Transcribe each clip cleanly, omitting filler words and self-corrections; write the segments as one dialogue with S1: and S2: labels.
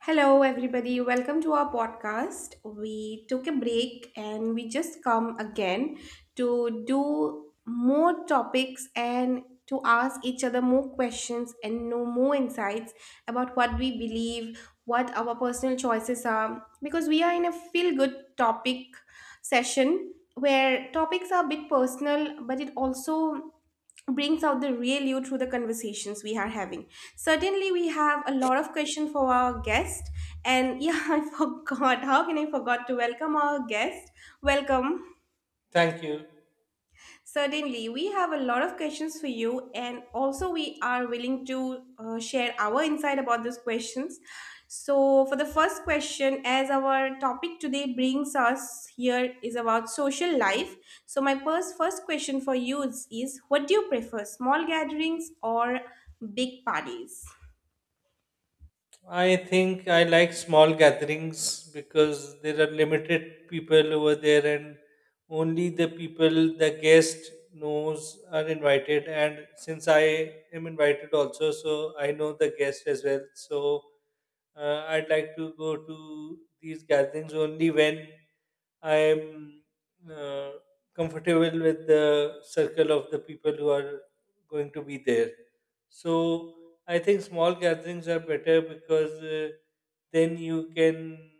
S1: Hello, everybody. Welcome to our podcast. We took a break and we just come again to do more topics and to ask each other more questions and know more insights about what we believe, what our personal choices are, because we are in a feel good topic session where topics are a bit personal, but it also brings out the real you through the conversations we are having. Certainly, we have a lot of questions for our guest. And yeah, I forgot. How can I forgot to welcome our guest? Welcome.
S2: Thank you.
S1: Certainly, we have a lot of questions for you, and also we are willing to share our insight about those questions. So, for the first question, as our topic today brings us here is about social life. So, my first question for you is, what do you prefer, small gatherings or big parties?
S2: I think I like small gatherings because there are limited people over there and only the people the guest knows are invited. And since I am invited also, so I know the guest as well. So I'd like to go to these gatherings only when I'm uh, comfortable with the circle of the people who are going to be there. So I think small gatherings are better because then you can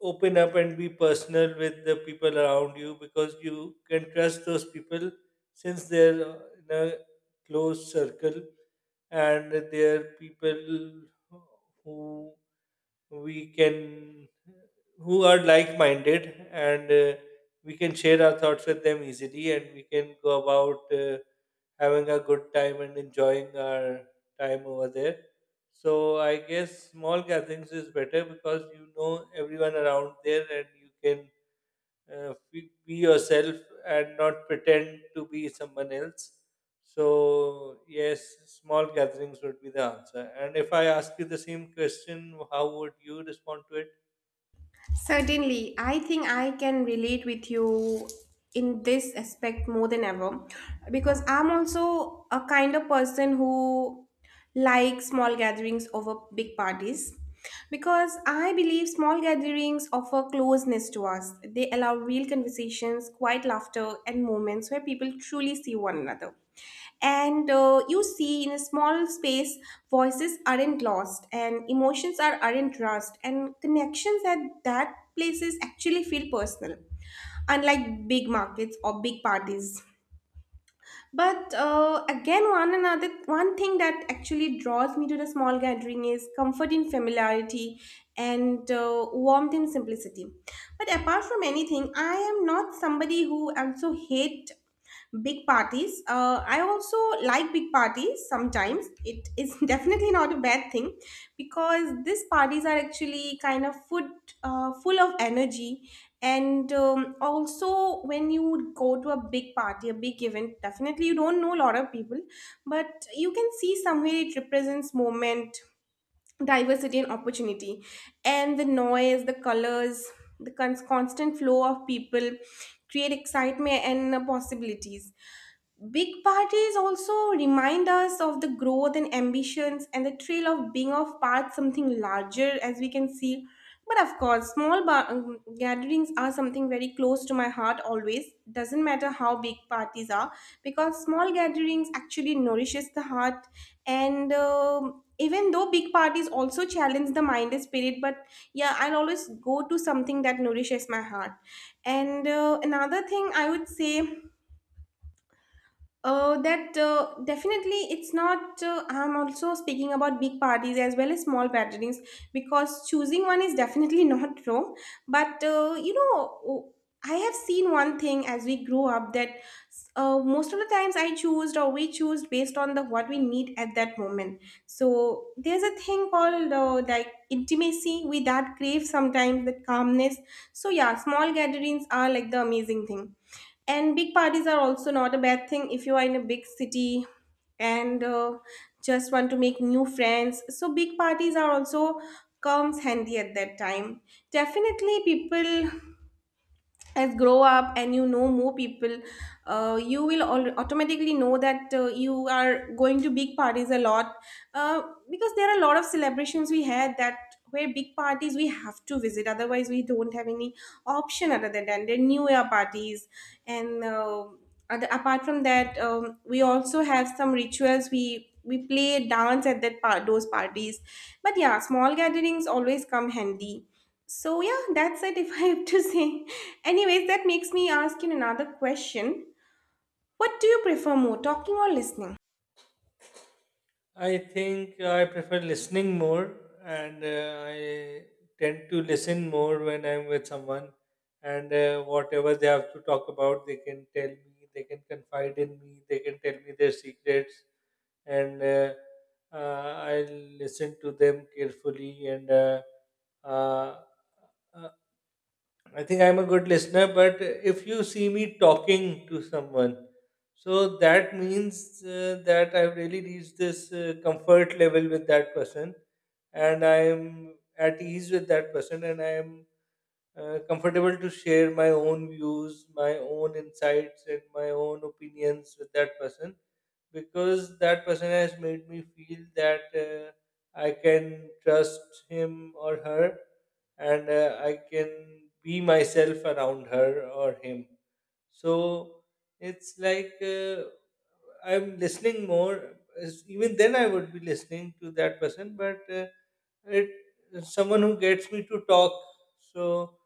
S2: open up and be personal with the people around you because you can trust those people since they're in a close circle and they're people who we can who are like-minded, and we can share our thoughts with them easily and we can go about having a good time and enjoying our time over there. So I guess small gatherings is better because you know everyone around there and you can be yourself and not pretend to be someone else. So yes, small gatherings would be the answer. And if I ask you the same question, how would you respond to it?
S1: Certainly, I think I can relate with you in this aspect more than ever, because I'm also a kind of person who likes small gatherings over big parties, because I believe small gatherings offer closeness to us. They allow real conversations, quiet laughter, and moments where people truly see one another. And you see, in a small space voices aren't lost, and emotions aren't rushed, and connections at that places actually feel personal, unlike big markets or big parties. But again, one thing that actually draws me to the small gathering is comfort in familiarity and warmth in simplicity. But apart from anything, I am not somebody who also hate big parties. I also like big parties sometimes. It is definitely not a bad thing, because these parties are actually kind of food, full of energy. And also when you go to a big party, a big event, definitely you don't know a lot of people, but you can see somewhere it represents moment, diversity, and opportunity, and the noise, the colors, the constant flow of people create excitement and possibilities. Big parties also remind us of the growth and ambitions and the thrill of being of part something larger, as we can see. But of course, small gatherings are something very close to my heart always. Doesn't matter how big parties are, because small gatherings actually nourishes the heart. And even though big parties also challenge the mind and spirit, but yeah, I'll always go to something that nourishes my heart. And another thing I would say, that definitely it's not. I'm also speaking about big parties as well as small gatherings, because choosing one is definitely not wrong. But oh, I have seen one thing as we grow up, that most of the times I choose or we choose based on the what we need at that moment. So there's a thing called like intimacy. We that crave sometimes the calmness. So yeah, small gatherings are like the amazing thing, and big parties are also not a bad thing if you are in a big city and just want to make new friends. So big parties are also comes handy at that time. Definitely people as grow up and you know more people, you will automatically know that you are going to big parties a lot, uh, because there are a lot of celebrations we had that, where big parties we have to visit. Otherwise we don't have any option other than that. There are new year parties, and other, apart from that, we also have some rituals, we play dance at that part those parties. But yeah, small gatherings always come handy. So yeah, that's it, if I have to say. Anyways, that makes me ask you another question. What do you prefer more, talking or listening?
S2: I think I prefer listening more, and I tend to listen more when I'm with someone. And whatever they have to talk about, they can tell me, they can confide in me, they can tell me their secrets, and I'll listen to them carefully and uh, uh, I think I'm a good listener, but if you see me talking to someone, so that means that I've really reached this comfort level with that person, and I'm at ease with that person, and I'm comfortable to share my own views, my own insights, and my own opinions with that person because that person has made me feel that I can trust him or her, and I can be myself around her or him. So it's like I'm listening more. Even then, I would be listening to that person, but it someone who gets me to talk, so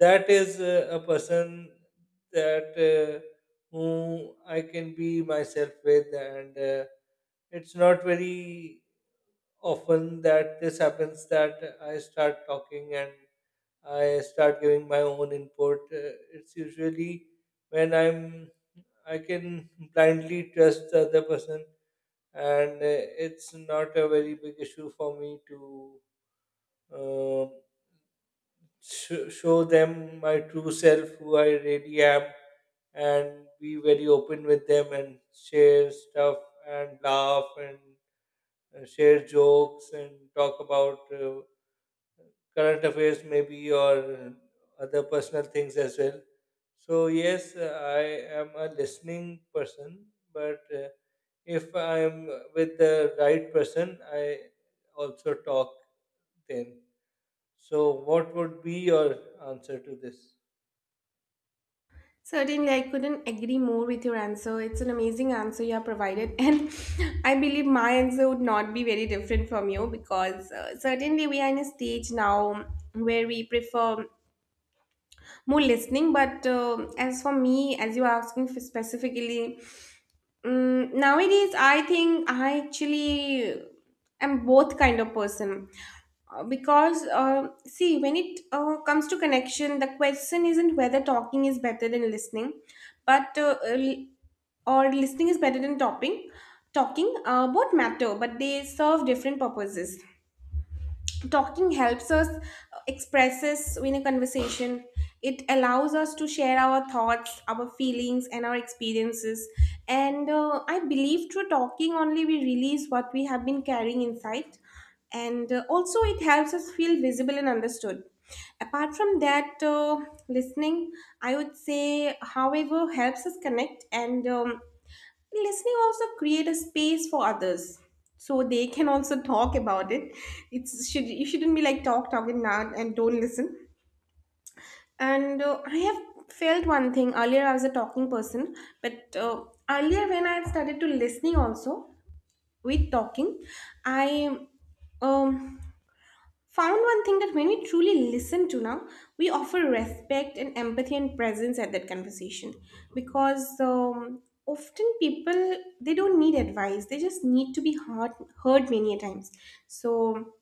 S2: that is a person that who I can be myself with, and it's not very often that this happens, that I start talking and I start giving my own input. It's usually when I can blindly trust the other person, and it's not a very big issue for me to uh, show them my true self, who I really am, and be very open with them and share stuff and laugh and share jokes and talk about current affairs, maybe, or other personal things as well. So, yes, I am a listening person, but if I'm with the right person, I also talk then. So, what would be your answer to this?
S1: Certainly, I couldn't agree more with your answer. It's an amazing answer you have provided, and I believe my answer would not be very different from you, because certainly we are in a stage now where we prefer more listening. But as for me, as you are asking for specifically, nowadays I think I actually am both kind of person. Because see, when it comes to connection, the question isn't whether talking is better than listening, but or listening is better than talking. Talking, both matter, but they serve different purposes. Talking helps us expresses in a conversation. It allows us to share our thoughts, our feelings, and our experiences. And I believe, through talking only, we release what we have been carrying inside. And also it helps us feel visible and understood. Apart from that, listening, I would say, however helps us connect. And listening also create a space for others, so they can also talk about it. It's should, you shouldn't be like talking now and don't listen. And I have felt one thing. Earlier I was a talking person, but earlier when I started to listening also with talking, I um found one thing, that when we truly listen to now, we offer respect and empathy and presence at that conversation, because often people, they don't need advice; they just need to be heard, heard many a times. So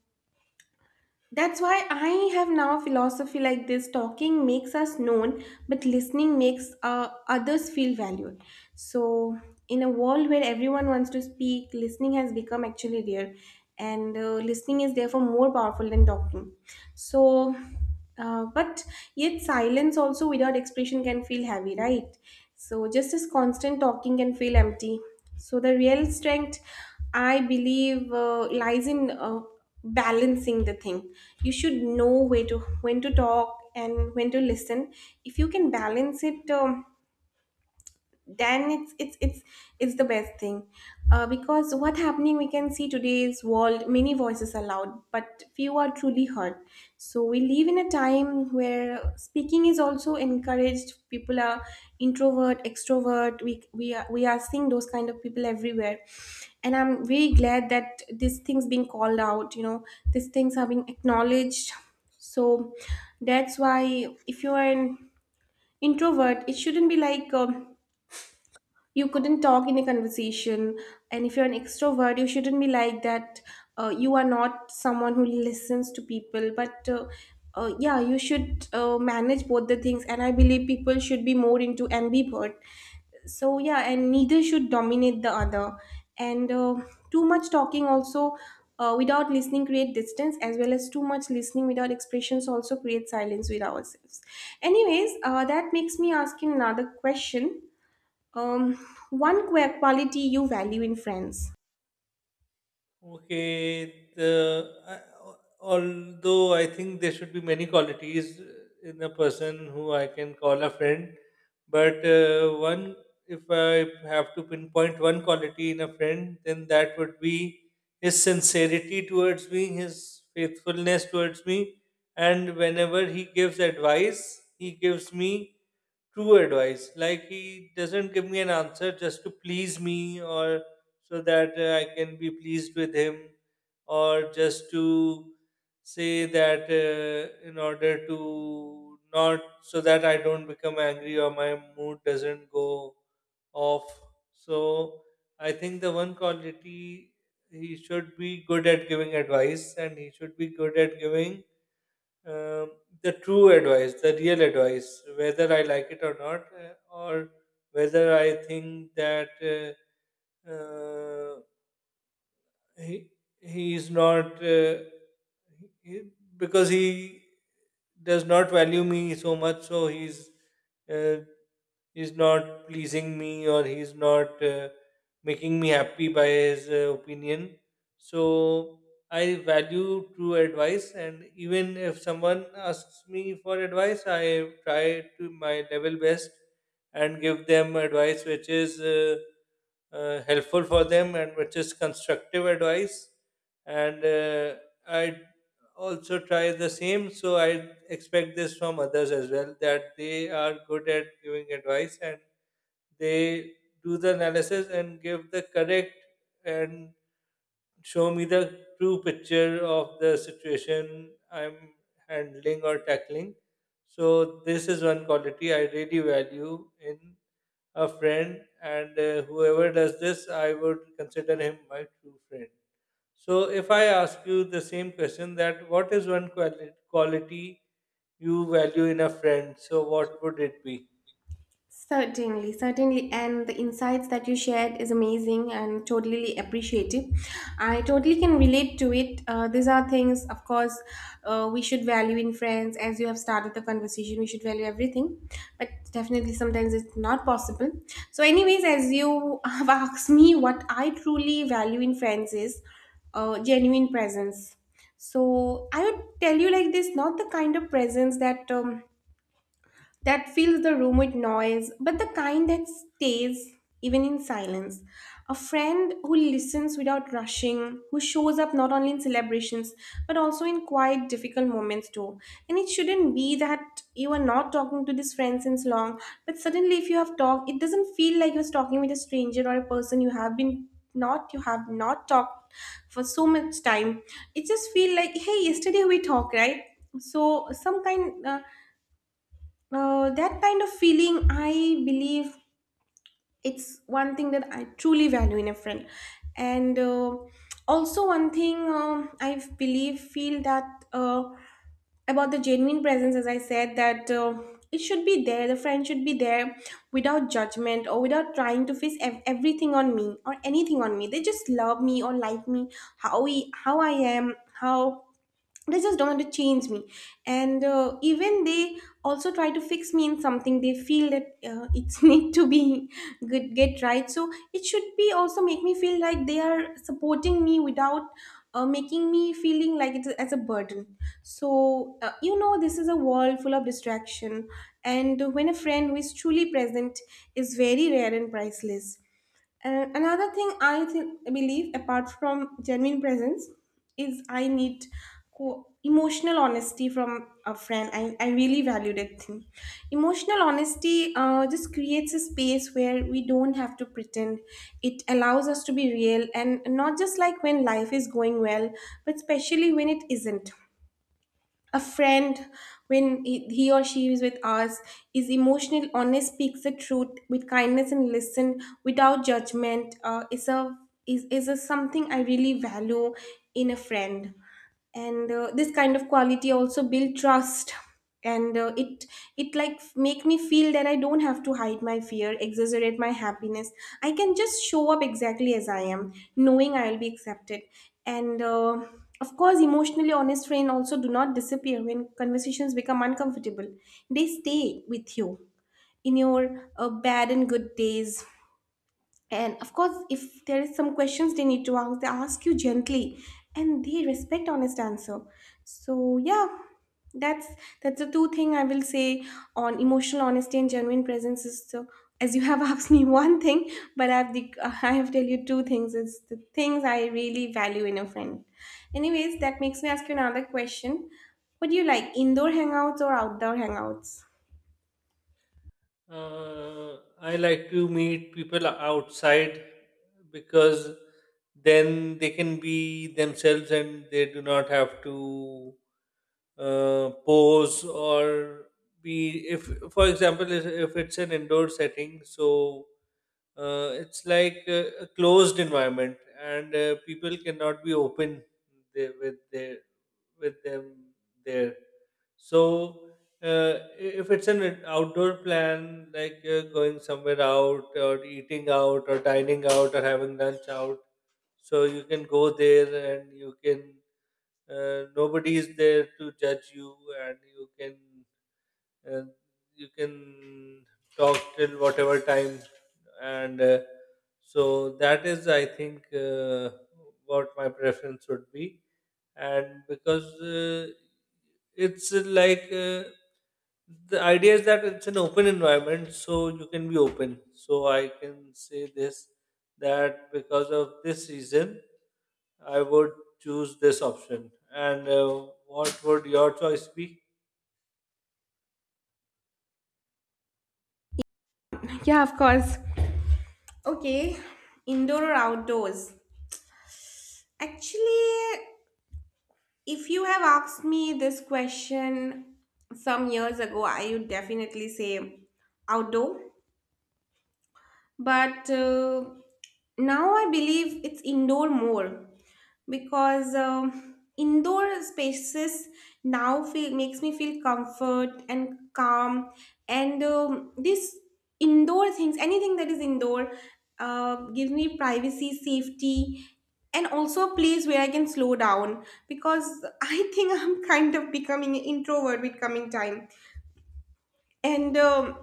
S1: that's why I have now a philosophy like this: talking makes us known, but listening makes others feel valued. So, in a world where everyone wants to speak, listening has become actually rare, and listening is therefore more powerful than talking. So, but yet, silence also without expression can feel heavy, right? So, just as constant talking can feel empty. So, the real strength, I believe, lies in balancing the thing. You should know where to when to talk and when to listen. If you can balance it, then it's the best thing, because what happening we can see today's world, many voices are loud but few are truly heard. So we live in a time where speaking is also encouraged. People are introvert, extrovert. We are seeing those kind of people everywhere, and I'm very glad that these things being called out. These things are being acknowledged. So that's why if you are an introvert, it shouldn't be like, you couldn't talk in a conversation. And if you're an extrovert, you shouldn't be like that, you are not someone who listens to people. But yeah, you should manage both the things, and I believe people should be more into ambivert. So yeah, and neither should dominate the other. And too much talking also, without listening create distance, as well as too much listening without expressions also create silence with ourselves. Anyways, that makes me ask you another question. Um, one quality you value in friends.
S2: Okay, although I think there should be many qualities in a person who I can call a friend, but one, if I have to pinpoint one quality in a friend, then that would be his sincerity towards me, his faithfulness towards me, and whenever he gives advice, he gives me true advice. Like he doesn't give me an answer just to please me or so that I can be pleased with him or just to say that in order to not so that I don't become angry or my mood doesn't go off. So I think the one quality, he should be good at giving advice and he should be good at giving um, the true advice, the real advice, whether I like it or not, or whether I think that he he is not he, because he does not value me so much, so uh, he's not pleasing me or he's not making me happy by his opinion. So I value true advice, and even if someone asks me for advice, I try to my level best and give them advice which is helpful for them and which is constructive advice. And I also try the same, so I expect this from others as well, that they are good at giving advice and they do the analysis and give the correct and show me the true picture of the situation I'm handling or tackling. So this is one quality I really value in a friend, and whoever does this, I would consider him my true friend. So, if I ask you the same question, that what is one quality you value in a friend? So, what would it be?
S1: Certainly, and the insights that you shared is amazing and totally appreciative. I totally can relate to it. These are things, of course, we should value in friends. As you have started the conversation, we should value everything, but definitely sometimes it's not possible. So, anyways, as you have asked me, what I truly value in friends is genuine presence. So, I would tell you like this: not the kind of presence that fills the room with noise, but the kind that stays even in silence. A friend who listens without rushing, who shows up not only in celebrations but also in quiet, difficult moments too. And it shouldn't be that you are not talking to this friend since long, but suddenly if you have talked, it doesn't feel like you're talking with a stranger, or a person you have not talked for so much time. It just feel like, hey, yesterday we talked, right? So some kind. That kind of feeling, I believe, it's one thing that I truly value in a friend. And also, one thing, I believe, feel that, uh, about the genuine presence, as I said, that it should be there, the friend should be there without judgment or without trying to fix everything on me or anything on me. They just love me or like me, how, we, how I am, how they just don't want to change me and even they also try to fix me in something they feel that it's need to be good get right so it should be also make me feel like they are supporting me without making me feeling like it's as a burden. So this is a world full of distraction, and when a friend who is truly present is very rare and priceless. And another thing I think believe, apart from genuine presence, is I need emotional honesty from a friend. I really value that thing. Emotional honesty just creates a space where we don't have to pretend. It allows us to be real and not just like when life is going well, but especially when it isn't. A friend, when he or she is with us, is emotional honest, speaks the truth with kindness and listen without judgment, is a is a something I really value in a friend. And this kind of quality also build trust, and it like make me feel that I don't have to hide my fear, exaggerate my happiness. I can just show up exactly as I am, knowing I'll be accepted. And Of course, emotionally honest friends also do not disappear when conversations become uncomfortable. They stay with you in your bad and good days. And of course, if there is some questions they need to ask, they ask you gently and they respect honest answer. So yeah, that's that's the two thing I will say on emotional honesty and genuine presence. Is so, as you have asked me one thing, but I've the, I have tell you two things. It's the things I really value in a friend. Anyways, that makes me ask you another question. What do you like, indoor hangouts or outdoor hangouts?
S2: I like to meet people outside because then they can be themselves and they do not have to pose or be. If, for example, if it's an indoor setting, so it's like a closed environment, and people cannot be open there with their with them there. So, uh, if it's an outdoor plan, like going somewhere out or eating out or dining out or having lunch out, so you can go there and you can, nobody is there to judge you, and uh, you can talk till whatever time. And so that is, I think, what my preference would be. And because it's like, the idea is that it's an open environment so you can be open, so I can say this that because of this reason I would choose this option. And what would your choice be?
S1: Yeah, of course. Okay, indoor or outdoors? Actually, if you have asked me this question some years ago, I would definitely say outdoor, but now I believe it's indoor more, because indoor spaces now feel makes me feel comfort and calm. And this indoor things, anything that is indoor, gives me privacy, safety, and also a place where I can slow down, because I think I'm kind of becoming an introvert with coming time. And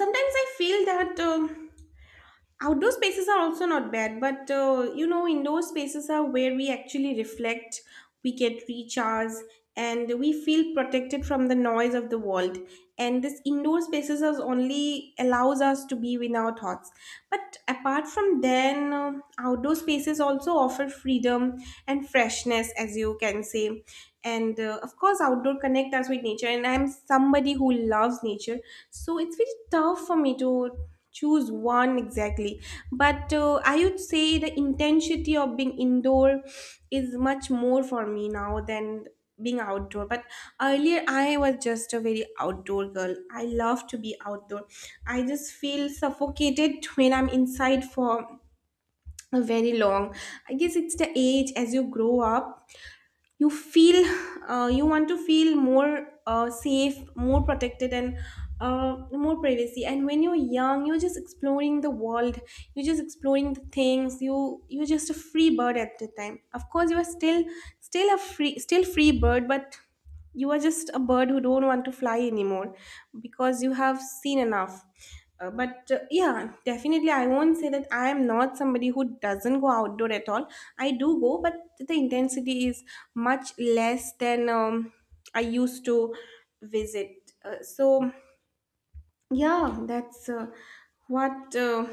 S1: sometimes I feel that outdoor spaces are also not bad, but indoor spaces are where we actually reflect, we get recharge, and we feel protected from the noise of the world. And this indoor spaces is only allows us to be with our thoughts. But apart from then, outdoor spaces also offer freedom and freshness, as you can say. And Of course, outdoor connect us with nature. And I'm somebody who loves nature, so it's very tough for me to choose one exactly, but I would say the intensity of being indoor is much more for me now than being outdoor. But earlier I was just a very outdoor girl, I love to be outdoor. I just feel suffocated when I'm inside for a very long. I guess it's the age, as you grow up you feel you want to feel more safe, more protected, and more privacy. And when you're young, you're just exploring the world, you're just exploring the things, you're just a free bird at the time. Of course, you are still a free still free bird, but you are just a bird who don't want to fly anymore because you have seen enough. But Yeah, definitely I won't say that I am not somebody who doesn't go outdoor at all. I do go, but the intensity is much less than I used to visit. So yeah, that's what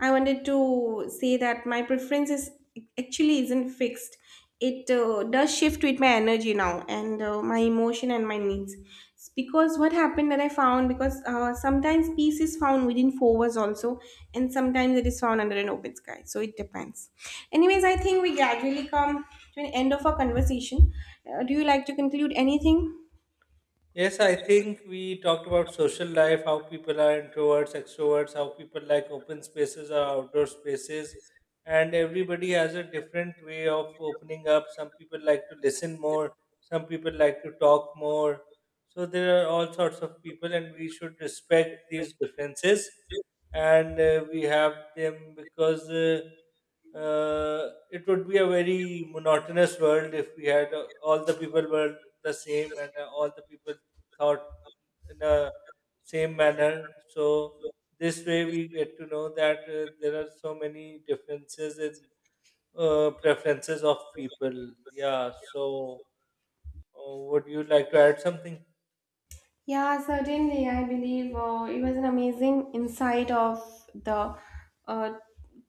S1: I wanted to say, that my preference is actually isn't fixed. It does shift with my energy now, and my emotion and my needs. It's because what happened that I found, because sometimes peace is found within four walls also, and sometimes it is found under an open sky. So it depends. Anyways, I think we gradually come to an end of our conversation. Do you like to conclude anything?
S2: Yes, I think we talked about social life, how people are introverts, extroverts, how people like open spaces or outdoor spaces, and everybody has a different way of opening up. Some people like to listen more, some people like to talk more. So there are all sorts of people, and we should respect these differences. And we have them because it would be a very monotonous world if we had all the people were the same and all the people thought in a same manner. So this way we get to know that there are so many differences in preferences of people. Yeah. So would you like to add something?
S1: Yeah, certainly. I believe it was an amazing insight of the uh,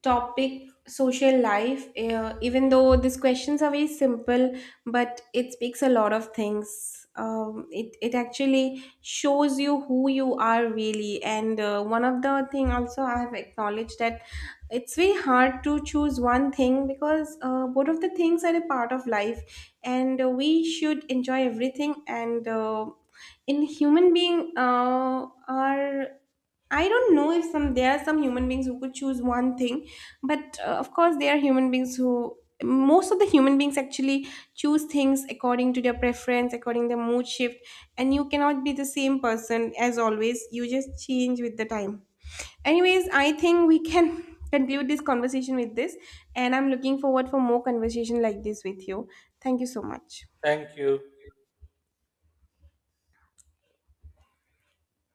S1: topic social life. Even though these questions are very simple, but it speaks a lot of things. It actually shows you who you are really. And One of the thing also I have acknowledged, that it's very hard to choose one thing, because both of the things are a part of life, and we should enjoy everything and. In human being are, I don't know if some there are some human beings who could choose one thing, but of course there are human beings who, most of the human beings actually, choose things according to their preference, according to their mood shift. And you cannot be the same person as always, you just change with the time. Anyways, I think we can conclude this conversation with this, and I'm looking forward for more conversation like this with you. Thank you so much.
S2: Thank you.